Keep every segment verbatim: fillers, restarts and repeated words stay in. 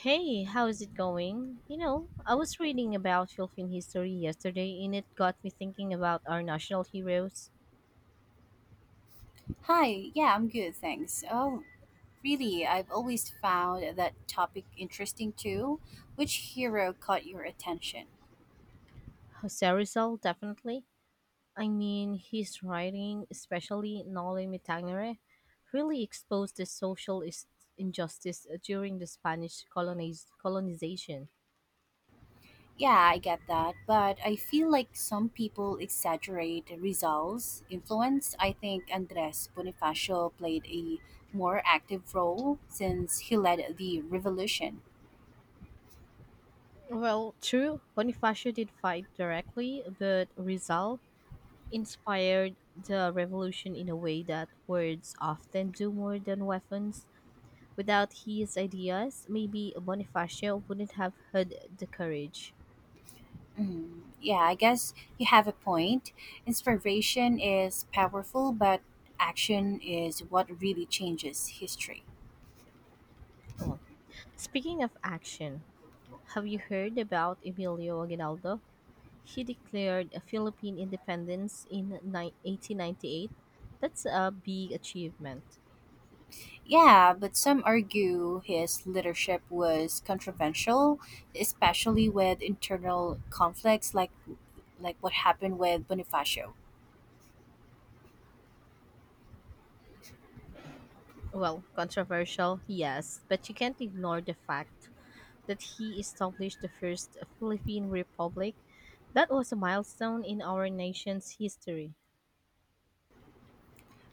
Hey, how's it going? You know, I was reading about Philippine history yesterday and it got me thinking about our national heroes. Hi, yeah, I'm good, thanks. Oh, really, I've always found that topic interesting too. Which hero caught your attention? Jose Rizal, definitely. I mean, his writing, especially Noli Me Tangere, really exposed the social is- injustice during the Spanish coloniz- colonization. Yeah, I get that, but I feel like some people exaggerate Rizal's influence. I think Andres Bonifacio played a more active role since he led the revolution. Well, true, Bonifacio did fight directly, but Rizal inspired the revolution in a way that words often do more than weapons. Without his ideas, maybe Bonifacio wouldn't have had the courage. Mm, yeah, I guess you have a point. Inspiration is powerful, but action is what really changes history. Oh, speaking of action, have you heard about Emilio Aguinaldo? He declared a Philippine independence in ni- eighteen ninety-eight. That's a big achievement. Yeah, but some argue his leadership was controversial, especially with internal conflicts like like what happened with Bonifacio. Well, controversial, yes, but you can't ignore the fact that he established the first Philippine Republic. That was a milestone in our nation's history.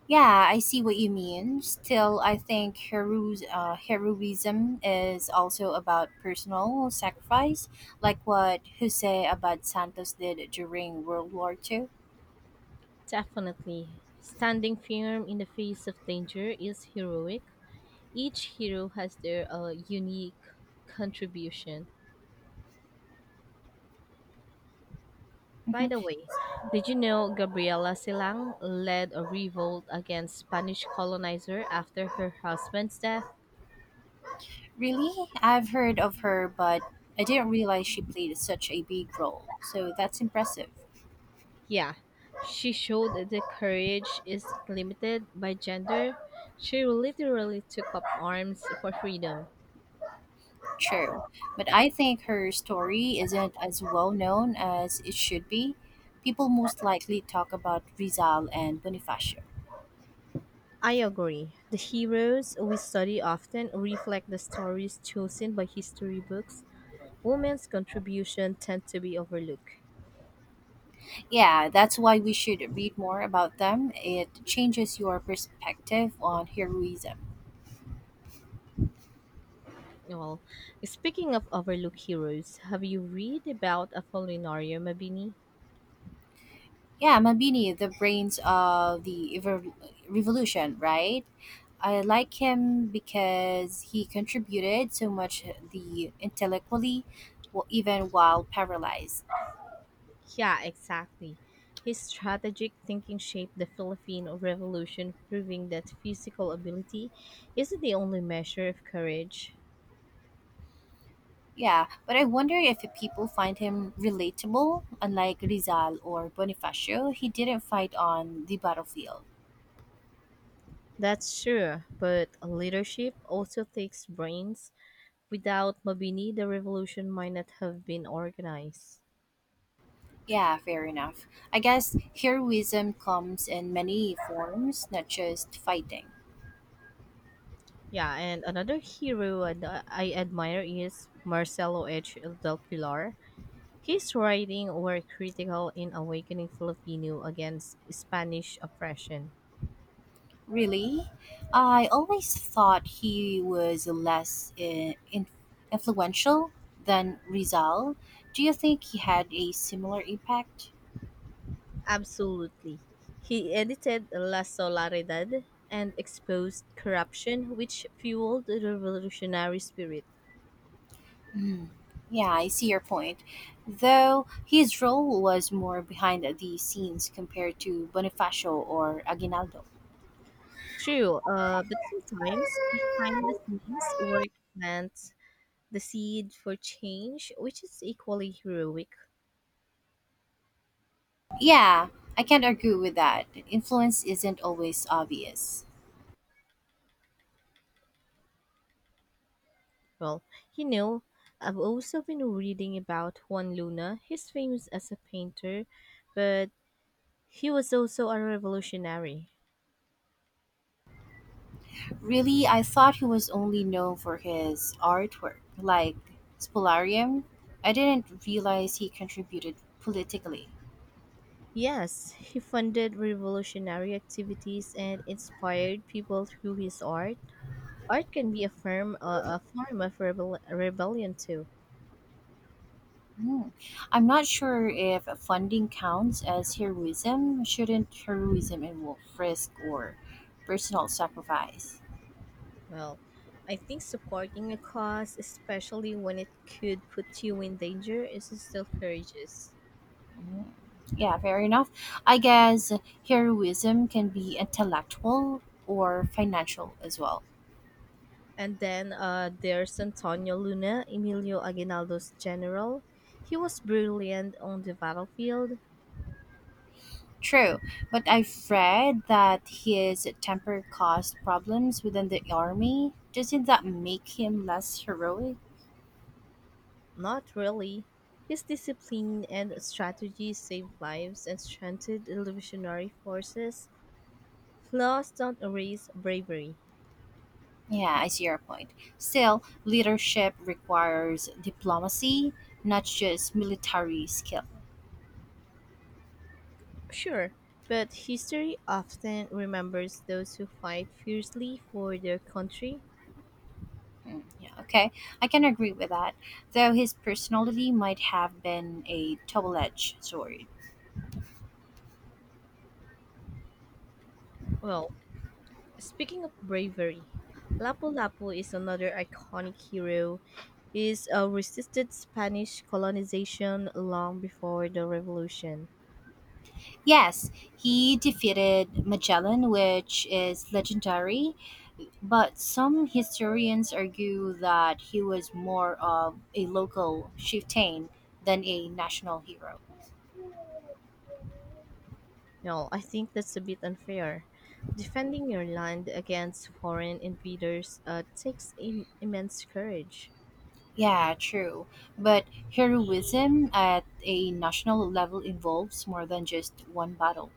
Yeah, I see what you mean. Still, I think hero, uh, heroism is also about personal sacrifice, like what Jose Abad Santos did during World War Two. Definitely. Standing firm in the face of danger is heroic. Each hero has their uh, unique contribution. By Mhm. the way, did you know Gabriela Silang led a revolt against Spanish colonizer after her husband's death? Really? I've heard of her, but I didn't realize she played such a big role. So that's impressive. Yeah, she showed that courage isn't limited by gender. She literally took up arms for freedom. True. But I think her story isn't as well known as it should be. People most likely talk about Rizal and Bonifacio. I agree. The heroes we study often reflect the stories chosen by history books. Women's contribution tend to be overlooked. Yeah, that's why we should read more about them. It changes your perspective on heroism. Well, speaking of overlooked heroes, have you read about Apolinario Mabini? Yeah, Mabini, the brains of the evo- revolution, right? I like him because he contributed so much the intellectually, w- even while paralyzed. Yeah, exactly. His strategic thinking shaped the Philippine Revolution, proving that physical ability isn't the only measure of courage. Yeah, but I wonder if people find him relatable. Unlike Rizal or Bonifacio, he didn't fight on the battlefield. That's sure, but leadership also takes brains. Without Mabini, the revolution might not have been organized. Yeah, fair enough. I guess heroism comes in many forms, not just fighting. Yeah, and another hero that I admire is Marcelo H. Del Pilar. His writing were critical in awakening Filipino against Spanish oppression. Really? I always thought he was less in, in, influential than Rizal. Do you think he had a similar impact? Absolutely. He edited La Solaridad and exposed corruption, which fueled the revolutionary spirit. Hmm. Yeah, I see your point. Though his role was more behind the scenes compared to Bonifacio or Aguinaldo. True, uh, but sometimes behind the scenes work meant the seed for change, which is equally heroic. Yeah, I can't argue with that. Influence isn't always obvious. Well, you know, I've also been reading about Juan Luna. He's famous as a painter, but he was also a revolutionary. Really, I thought he was only known for his artwork, like Spolarium. I didn't realize he contributed politically. Yes, he funded revolutionary activities and inspired people through his art. Art can be a form, uh, a form of rebel, rebellion too. Hmm. I'm not sure if funding counts as heroism. Shouldn't heroism involve risk or personal sacrifice? Well, I think supporting a cause, especially when it could put you in danger, is still courageous. Hmm. Yeah, fair enough. I guess heroism can be intellectual or financial as well. And then uh, there's Antonio Luna, Emilio Aguinaldo's general. He was brilliant on the battlefield. True, but I've read that his temper caused problems within the army. Doesn't that make him less heroic? Not really. His discipline and strategy saved lives and strengthened the revolutionary forces. Flaws don't erase bravery. Yeah, I see your point. Still, leadership requires diplomacy, not just military skill. Sure, but history often remembers those who fight fiercely for their country. Mm, yeah, okay. I can agree with that, though his personality might have been a double edged sword. Well, speaking of bravery, Lapu Lapu is another iconic hero. He's uh, resisted Spanish colonization long before the revolution. Yes, he defeated Magellan, which is legendary, but some historians argue that he was more of a local chieftain than a national hero. No, I think that's a bit unfair. Defending your land against foreign invaders uh, takes Im- immense courage. Yeah, true. But heroism at a national level involves more than just one battle.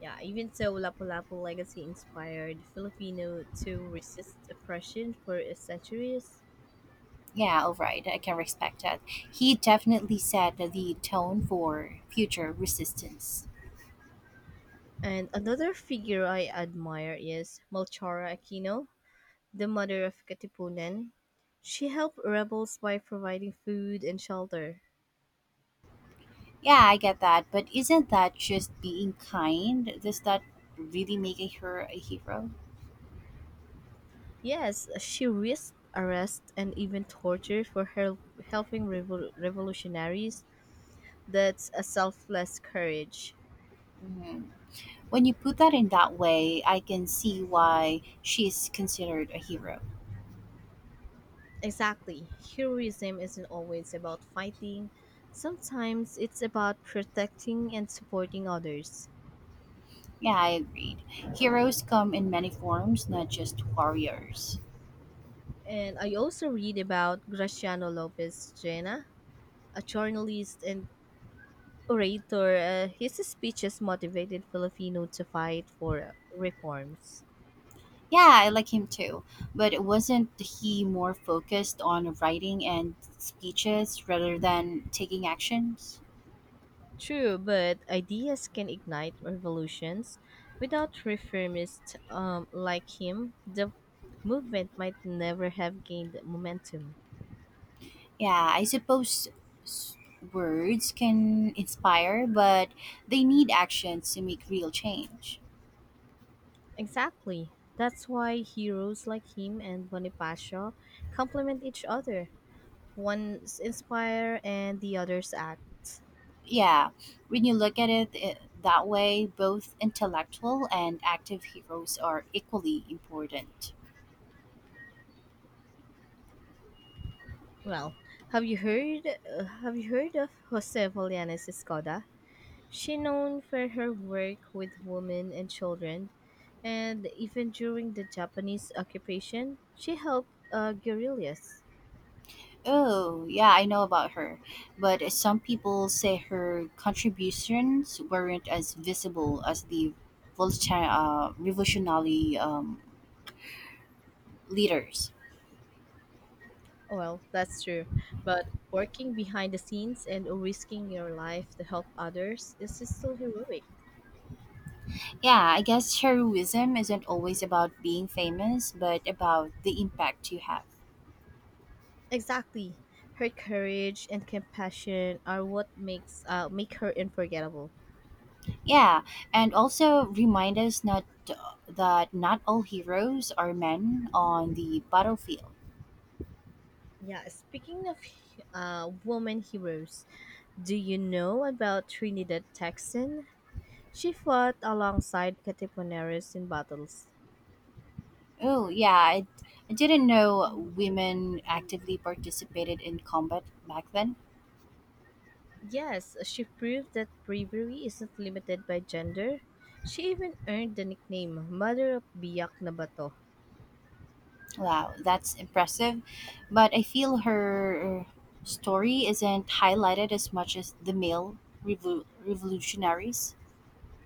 Yeah, even so, Lapu Lapu legacy inspired Filipino to resist oppression for centuries. Yeah, all right. I can respect that. He definitely set the tone for future resistance. And another figure I admire is Melchora Aquino, the mother of Katipunan. She helped rebels by providing food and shelter. Yeah, I get that. But isn't that just being kind? Does that really make a hero a hero? Yes, she risked arrest and even torture for her helping revol- revolutionaries. That's a selfless courage. Mhm. When you put that in that way, I can see why she's considered a hero. Exactly. Heroism isn't always about fighting. Sometimes it's about protecting and supporting others. Yeah, I agreed. Heroes come in many forms, not just warriors. And I also read about Graciano Lopez Jena, a journalist and orator. Uh, his speeches motivated Filipino to fight for reforms. Yeah, I like him too. But wasn't he more focused on writing and speeches rather than taking actions? True, but ideas can ignite revolutions. Without reformists um, like him, the movement might never have gained momentum. Yeah, I suppose s- words can inspire, but they need actions to make real change. Exactly. That's why heroes like him and Bonifacio complement each other. One's inspire and the other's act. Yeah, when you look at it eh, that way, both intellectual and active heroes are equally important. Well, have you heard uh, have you heard of Jose Volianes Escoda? She known for her work with women and children, and even during the Japanese occupation, she helped uh, guerrillas. Oh, yeah, I know about her. But some people say her contributions weren't as visible as the Volta- uh, revolutionary um, leaders. Well, that's true, but working behind the scenes and risking your life to help others is still heroic. Yeah, I guess heroism isn't always about being famous, but about the impact you have. Exactly, her courage and compassion are what makes uh, make her unforgettable. Yeah, and also remind us not that not all heroes are men on the battlefield. Yeah, speaking of uh, woman heroes, do you know about Trinidad Texan? She fought alongside Katipuneris in battles. Oh, yeah. I, I didn't know women actively participated in combat back then. Yes, she proved that bravery isn't limited by gender. She even earned the nickname Mother of Biak na Bato. Wow, that's impressive. But I feel her story isn't highlighted as much as the male revol revolutionaries.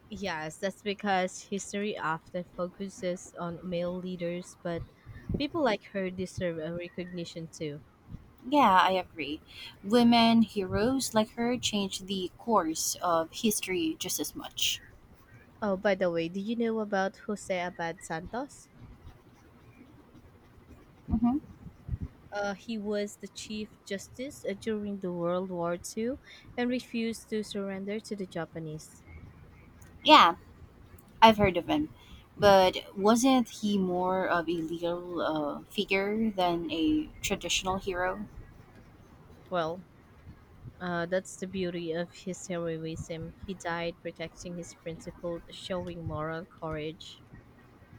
Yes, that's because history often focuses on male leaders, but people like her deserve a recognition too. Yeah, I agree. Women heroes like her changed the course of history just as much. Oh, by the way, do you know about Jose Abad Santos? Hmm. Uh, he was the Chief Justice uh, during the World War Two, and refused to surrender to the Japanese. Yeah, I've heard of him. But wasn't he more of a legal uh, figure than a traditional hero? Well, Uh, that's the beauty of his heroism. He died protecting his principles, showing moral courage.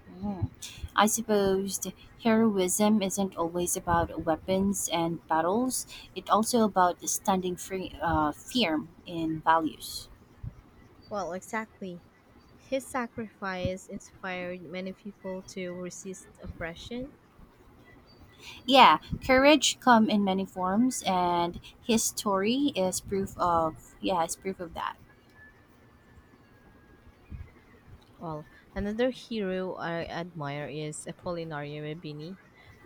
Mhm. I suppose heroism isn't always about weapons and battles. It's also about standing free, uh, firm in values. Well, exactly. His sacrifice inspired many people to resist oppression. Yeah, courage come in many forms, and his story is proof of yeah, is proof of that. Well, another hero I admire is Apollinario Mabini,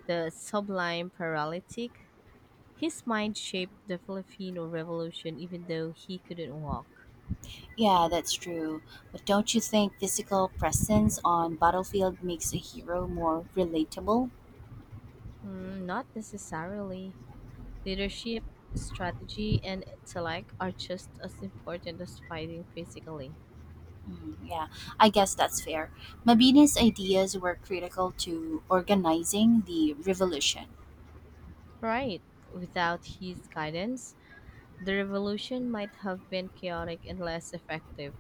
the sublime paralytic. His mind shaped the Filipino Revolution even though he couldn't walk. Yeah, that's true. But don't you think physical presence on battlefield makes a hero more relatable? Hmm, not necessarily. Leadership, strategy, and intellect are just as important as fighting physically. Mm, Yeah, I guess that's fair. Mabini's ideas were critical to organizing the revolution. Right. Without his guidance, the revolution might have been chaotic and less effective.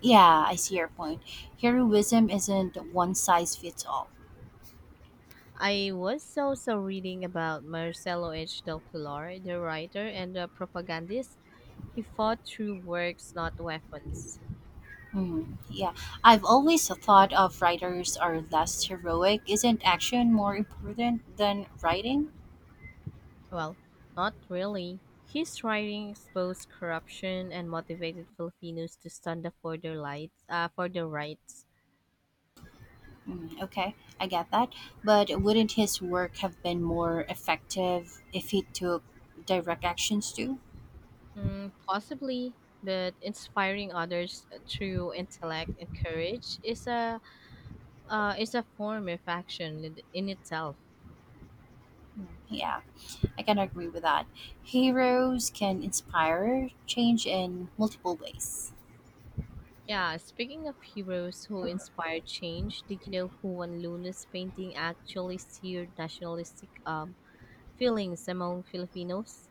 Yeah, I see your point. Heroism isn't one size fits all. I was also reading about Marcelo H. del Pilar, the writer and the propagandist. He fought through works, not weapons. Mm, yeah, I've always thought of writers are less heroic. Isn't action more important than writing? Well, not really. His writing exposed corruption and motivated Filipinos to stand up for their lights, uh, for their rights. Mm, okay, I get that. But wouldn't his work have been more effective if he took direct actions too? Mm, possibly, but inspiring others uh, through intellect and courage is a uh, is a form of action in in itself. Mm, Yeah. I can agree with that. Heroes can inspire change in multiple ways. Yeah, speaking of heroes who inspire change, did you know Juan Luna's painting actually stirred nationalistic um, feelings among Filipinos?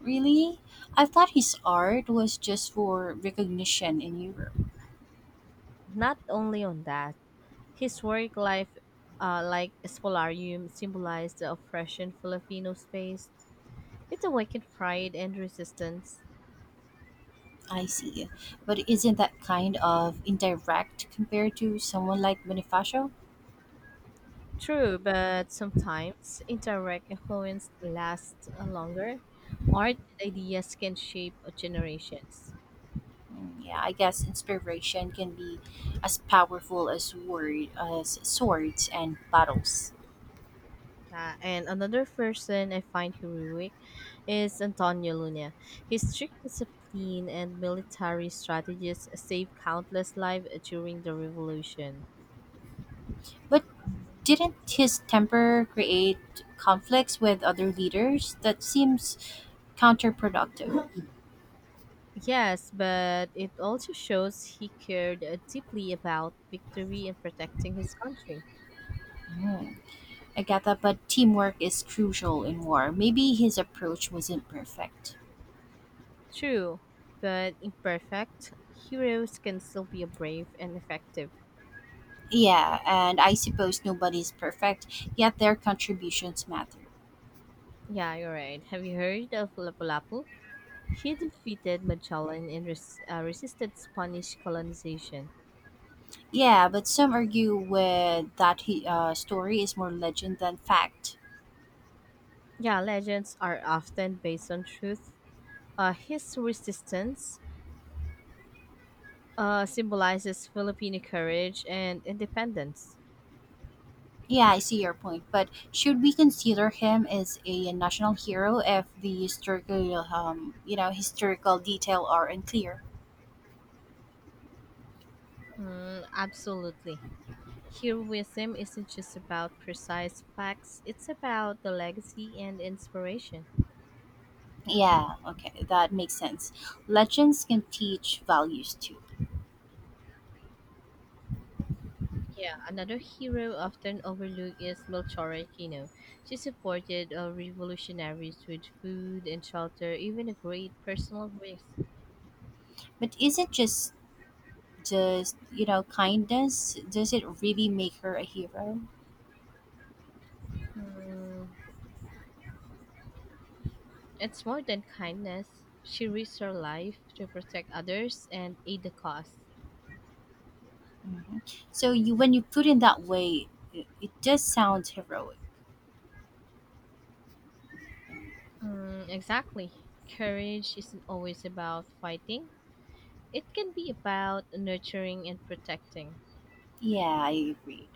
Really? I thought his art was just for recognition in Europe. Not only on that, his work life, uh, like Espolarium, symbolized the oppression Filipinos faced. It awakened pride and resistance. I see. But isn't that kind of indirect compared to someone like Bonifacio? True, but sometimes indirect influence lasts longer. Art and ideas can shape generations. Mm, Yeah, I guess inspiration can be as powerful as word as swords and battles. Yeah, and another person I find heroic is Antonio Luna. His strict discipline and military strategies saved countless lives during the revolution. But didn't his temper create conflicts with other leaders? That seems counterproductive. Yes, but it also shows he cared uh, deeply about victory and protecting his country. Mm, Agatha, but teamwork is crucial in war. Maybe his approach wasn't perfect. True, but imperfect, heroes can still be brave and effective. Yeah, and I suppose nobody's perfect, yet their contributions matter. Yeah, you're right. Have you heard of Lapu-Lapu? He defeated Magellan and res- uh, resisted Spanish colonization. Yeah, but some argue with that he, uh, story is more legend than fact. Yeah, legends are often based on truth. Uh, his resistance uh, symbolizes Filipino courage and independence. Yeah, I see your point, but should we consider him as a national hero if the historical, um, you know, historical detail are unclear? Mm, absolutely. Heroism isn't just about precise facts, it's about the legacy and inspiration. Yeah, okay, that makes sense. Legends can teach values too. Yeah, another hero often overlooked is Melchora Kino. She supported uh, revolutionaries with food and shelter, even a great personal risk. But is it just just you know kindness? Does it really make her a hero? Hmm, it's more than kindness. She risked her life to protect others and aid the cause. Hmm. So you when you put in that way, it, it does sound heroic. Hmm, exactly. Courage isn't always about fighting. It can be about nurturing and protecting. Yeah, I agree.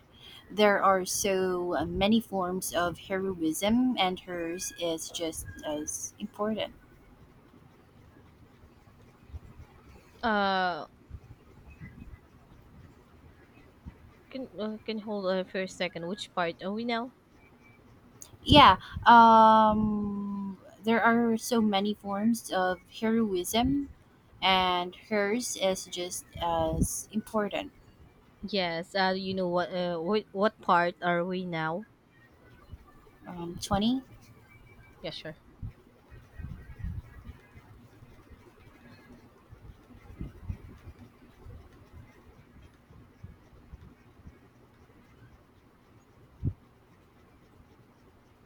There are so uh, many forms of heroism, and hers is just as important. Uh, can uh, can hold on for a second. Which part are we now? Yeah, um, there are so many forms of heroism, and hers is just as important. Yes, uh, you know what? Uh, what, what part are we now? Um, twenty? Yeah, sure.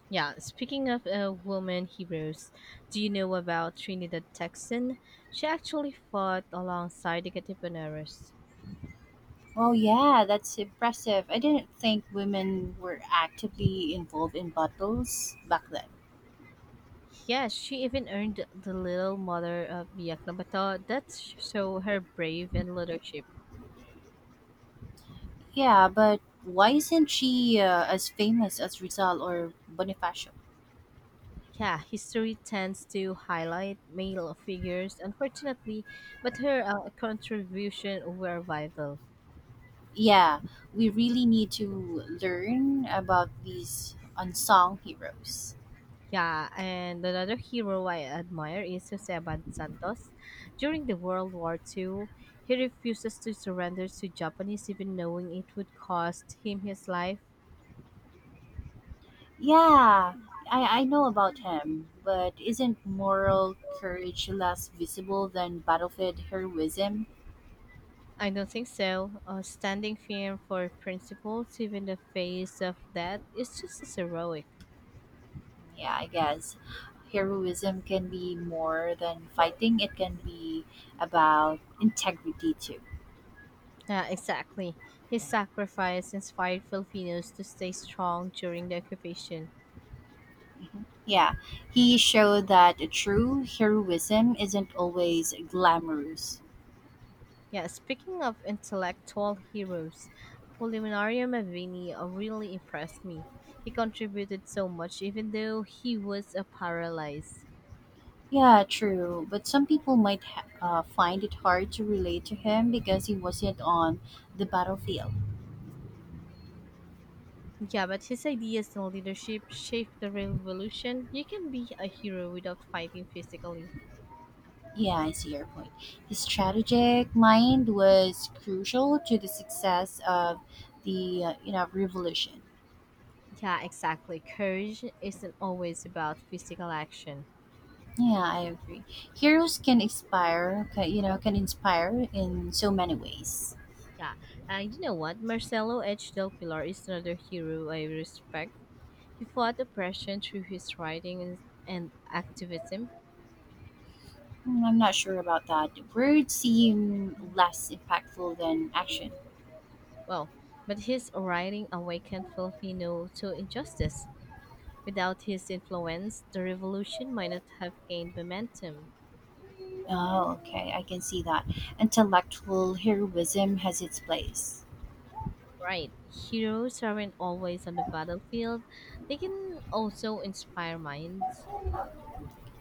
Yeah, speaking of uh, woman heroes, do you know about Trinidad Texan? She actually fought alongside the Katipuneros. Oh, yeah, that's impressive. I didn't think women were actively involved in battles back then. Yes, she even earned the Little Mother of Biaknabata. That's so her brave and leadership. Yeah, but why isn't she uh, as famous as Rizal or Bonifacio? Yeah, history tends to highlight male figures, unfortunately, but her uh, contribution were vital. Yeah, we really need to learn about these unsung heroes. Yeah, and another hero I admire is Joseban Santos. During the World War two, he refuses to surrender to Japanese even knowing it would cost him his life. Yeah, I, I know about him, but isn't moral courage less visible than battlefield heroism? I don't think so. Uh, standing firm for principles even in the face of death is just as heroic. Yeah, I guess heroism can be more than fighting, it can be about integrity too. Yeah, exactly. His sacrifice inspired Filipinos to stay strong during the occupation. Mhm. Yeah, he showed that true heroism isn't always glamorous. Yeah, speaking of intellectual heroes, Apollinario Mavini uh, really impressed me. He contributed so much, even though he was a paralyzed. Yeah, true. But some people might ha- uh, find it hard to relate to him because he wasn't on the battlefield. Yeah, but his ideas and leadership shaped the revolution. You can be a hero without fighting physically. Yeah, I see your point. His strategic mind was crucial to the success of the uh, you know revolution. Yeah, exactly. Courage isn't always about physical action. Yeah, I agree. Heroes can inspire, ca- you know, can inspire in so many ways. Yeah, and you know what? Marcelo H. Del Pilar is another hero I respect. He fought oppression through his writing and, and activism. Mm, I'm not sure about that. Words seem less impactful than action. Well, but his writing awakened Filipino to injustice. Without his influence, the revolution might not have gained momentum. Oh, okay, I can see that. Intellectual heroism has its place. Right, heroes aren't always on the battlefield, they can also inspire minds.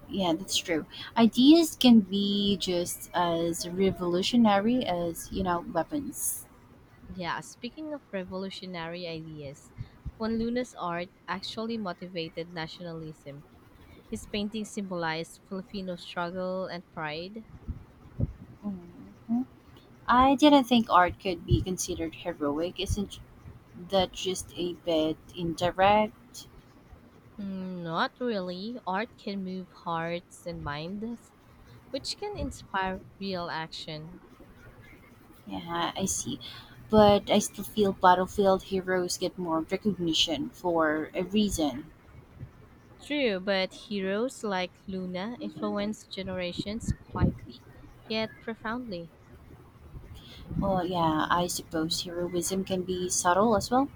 Yeah, that's true. Ideas can be just as revolutionary as, you know, weapons. Yeah, speaking of revolutionary ideas, Juan Luna's art actually motivated nationalism. His paintings symbolized Filipino struggle and pride. Mhm. I didn't think art could be considered heroic. Isn't that just a bit indirect? Mm, not really. Art can move hearts and minds which can inspire real action. Yeah, I see. But I still feel battlefield heroes get more recognition for a reason. True, but heroes like Luna influence generations quietly yet profoundly. Well, yeah, I suppose heroism can be subtle as well.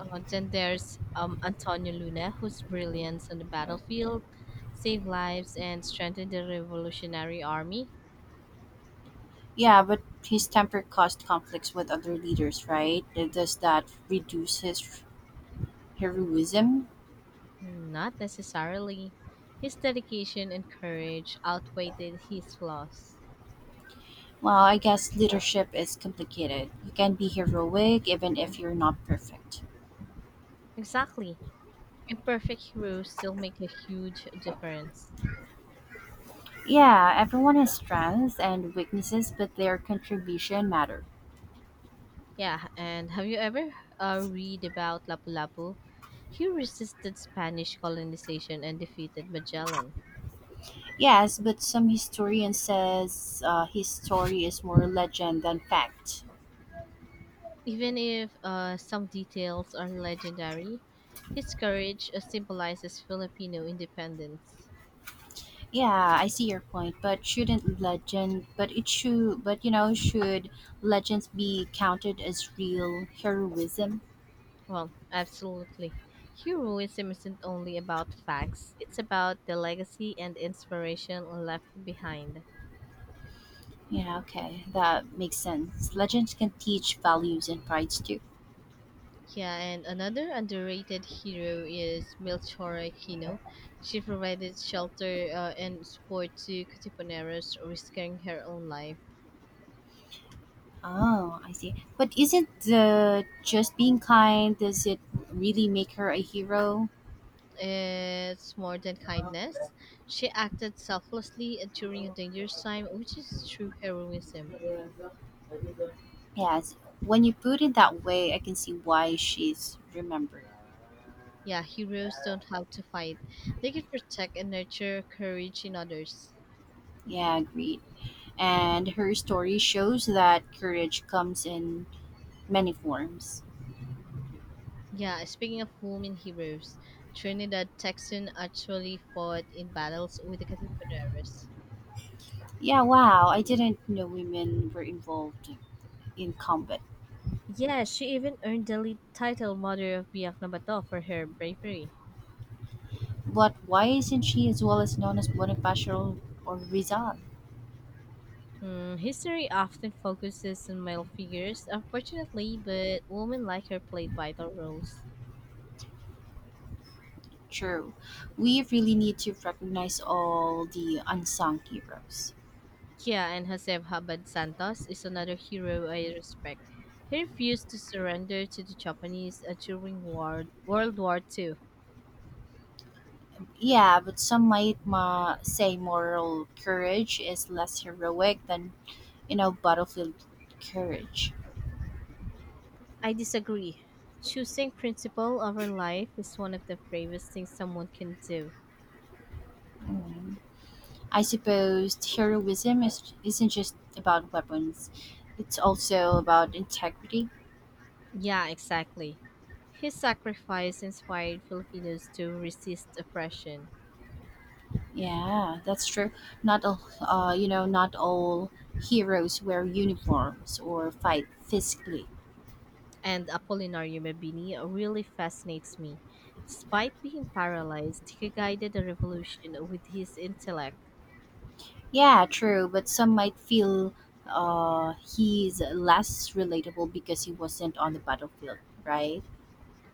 Uh, then there's um, Antonio Luna, whose brilliance on the battlefield saved lives and strengthened the revolutionary army. Yeah, but his temper caused conflicts with other leaders, right? Uh, Does that reduce his heroism? Hmm, not necessarily. His dedication and courage outweighed his flaws. Well, I guess leadership is complicated. You can be heroic even if you're not perfect. Exactly. Imperfect heroes still make a huge difference. Yeah, everyone has strengths and weaknesses, but their contribution matters. Yeah, and have you ever uh, read about Lapu-Lapu? He resisted Spanish colonization and defeated Magellan. Yes, but some historian says uh, his story is more legend than fact. Even if uh, some details are legendary, his courage uh, symbolizes Filipino independence. Yeah, I see your point, but shouldn't legend? But it should. But you know, should legends be counted as real heroism? Well, absolutely. Heroism isn't only about facts, it's about the legacy and inspiration left behind. Yeah, okay, that makes sense. Legends can teach values and prides too. Yeah, and another underrated hero is Melchora Aquino. She provided shelter uh, and support to Katipuneros, risking her own life. Oh, I see. But isn't the just being kind? Does it really make her a hero? It's more than kindness. She acted selflessly during a dangerous time, which is true heroism. Yes. When you put it that way, I can see why she's remembered. Yeah, heroes don't have to fight. They can protect and nurture courage in others. Yeah, agreed. And her story shows that courage comes in many forms. Yeah, speaking of women heroes, Trinidad Texan actually fought in battles with the Katipuneros. Yeah, wow, I didn't know women were involved in combat. Yes, she even earned the lead title Mother of Biak na Bato for her bravery. But why isn't she as well as known as Bonifacio or Rizal? Hmm, history often focuses on male figures, unfortunately, but women like her played vital roles. True. We really need to recognize all the unsung heroes. Kia and Josep Habad Santos is another hero I respect. He refused to surrender to the Japanese uh, during war- World War two. Yeah, but some might ma- say moral courage is less heroic than, you know, battlefield courage. I disagree. Choosing principle over life is one of the bravest things someone can do. Mm. I suppose heroism is, isn't just about weapons, it's also about integrity. Yeah, exactly. His sacrifice inspired Filipinos to resist oppression, Yeah, that's true. Not all, uh, you know, not all heroes wear uniforms or fight physically. and Apolinario Mabini really fascinates me. Despite being paralyzed, he guided the revolution with his intellect. Yeah, true, but some might feel uh, he's less relatable because he wasn't on the battlefield, right?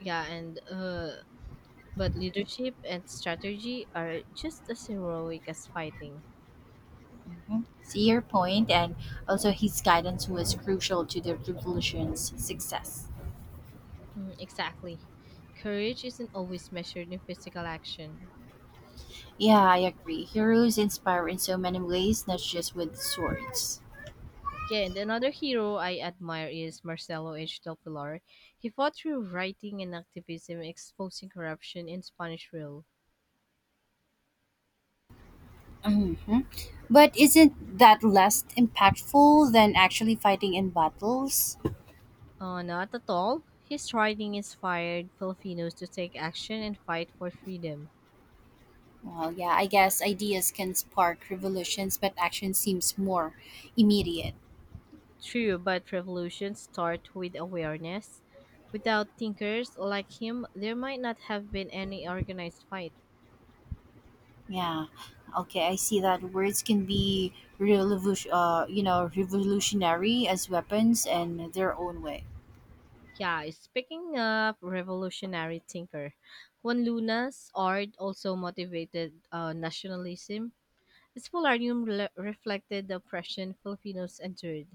Yeah, and uh, but leadership and strategy are just as heroic as fighting. Mhm. See your point, and also his guidance was crucial to the revolution's success. Mm, exactly. Courage isn't always measured in physical action. Yeah, I agree. Heroes inspire in so many ways, not just with swords. Yeah, and another hero I admire is Marcelo H. Del Pilar. He fought through writing and activism exposing corruption in Spanish rule. Hmm. But isn't that less impactful than actually fighting in battles? Uh, not at all. His writing inspired Filipinos to take action and fight for freedom. Well, yeah, I guess ideas can spark revolutions, but action seems more immediate. True, but revolutions start with awareness. Without thinkers like him, there might not have been any organized fight. Yeah. Okay, I see that words can be revolution, uh, you know, revolutionary as weapons in their own way. Yeah, speaking of revolutionary thinker, Juan Luna's art also motivated uh, nationalism. This polarium rela- reflected the oppression Filipinos endured.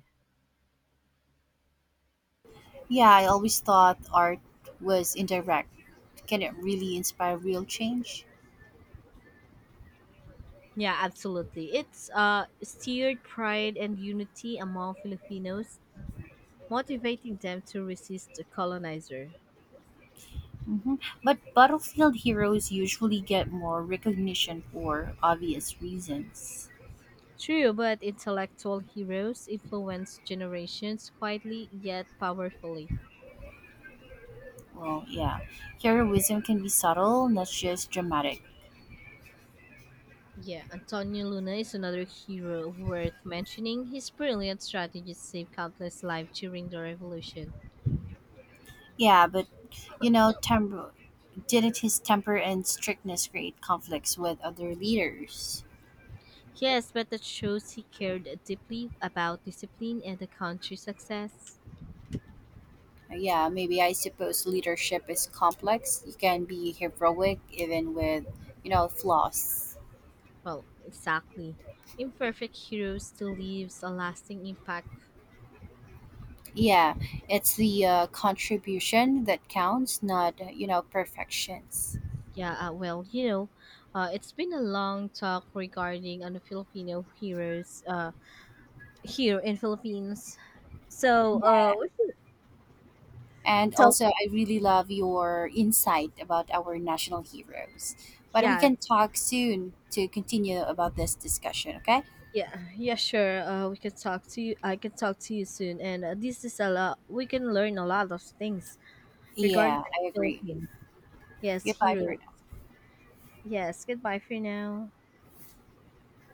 Yeah, I always thought art was indirect. Can it really inspire real change? Yeah, absolutely. It's uh, steered pride and unity among Filipinos, motivating them to resist the colonizer. Mhm. But battlefield heroes usually get more recognition for obvious reasons. True, but intellectual heroes influence generations quietly yet powerfully. Well, yeah. Heroism can be subtle, not just dramatic. Yeah, Antonio Luna is another hero worth mentioning. His brilliant strategies saved countless lives during the revolution. Yeah, but you know, temper, didn't his temper and strictness create conflicts with other leaders? Yes, but that shows he cared deeply about discipline and the country's success. Uh, Yeah, maybe I suppose leadership is complex. You can be heroic even with, you know, flaws. Well, exactly. Imperfect hero still leaves a lasting impact. Yeah, it's the uh, contribution that counts, not, you know, perfections. Yeah, uh, well, you know, uh, it's been a long talk regarding on the Filipino heroes uh, here in Philippines. So uh, we can And talk. also, I really love your insight about our national heroes. But we Yeah, can it's- talk soon to continue about this discussion, okay? yeah, yeah. Sure. Uh, we can talk to you. I can talk to you soon. And uh, this is a lot. We can learn a lot of things regarding Yeah, the I agree. Philippine. Yes, Goodbye hero. for Yes, goodbye for now.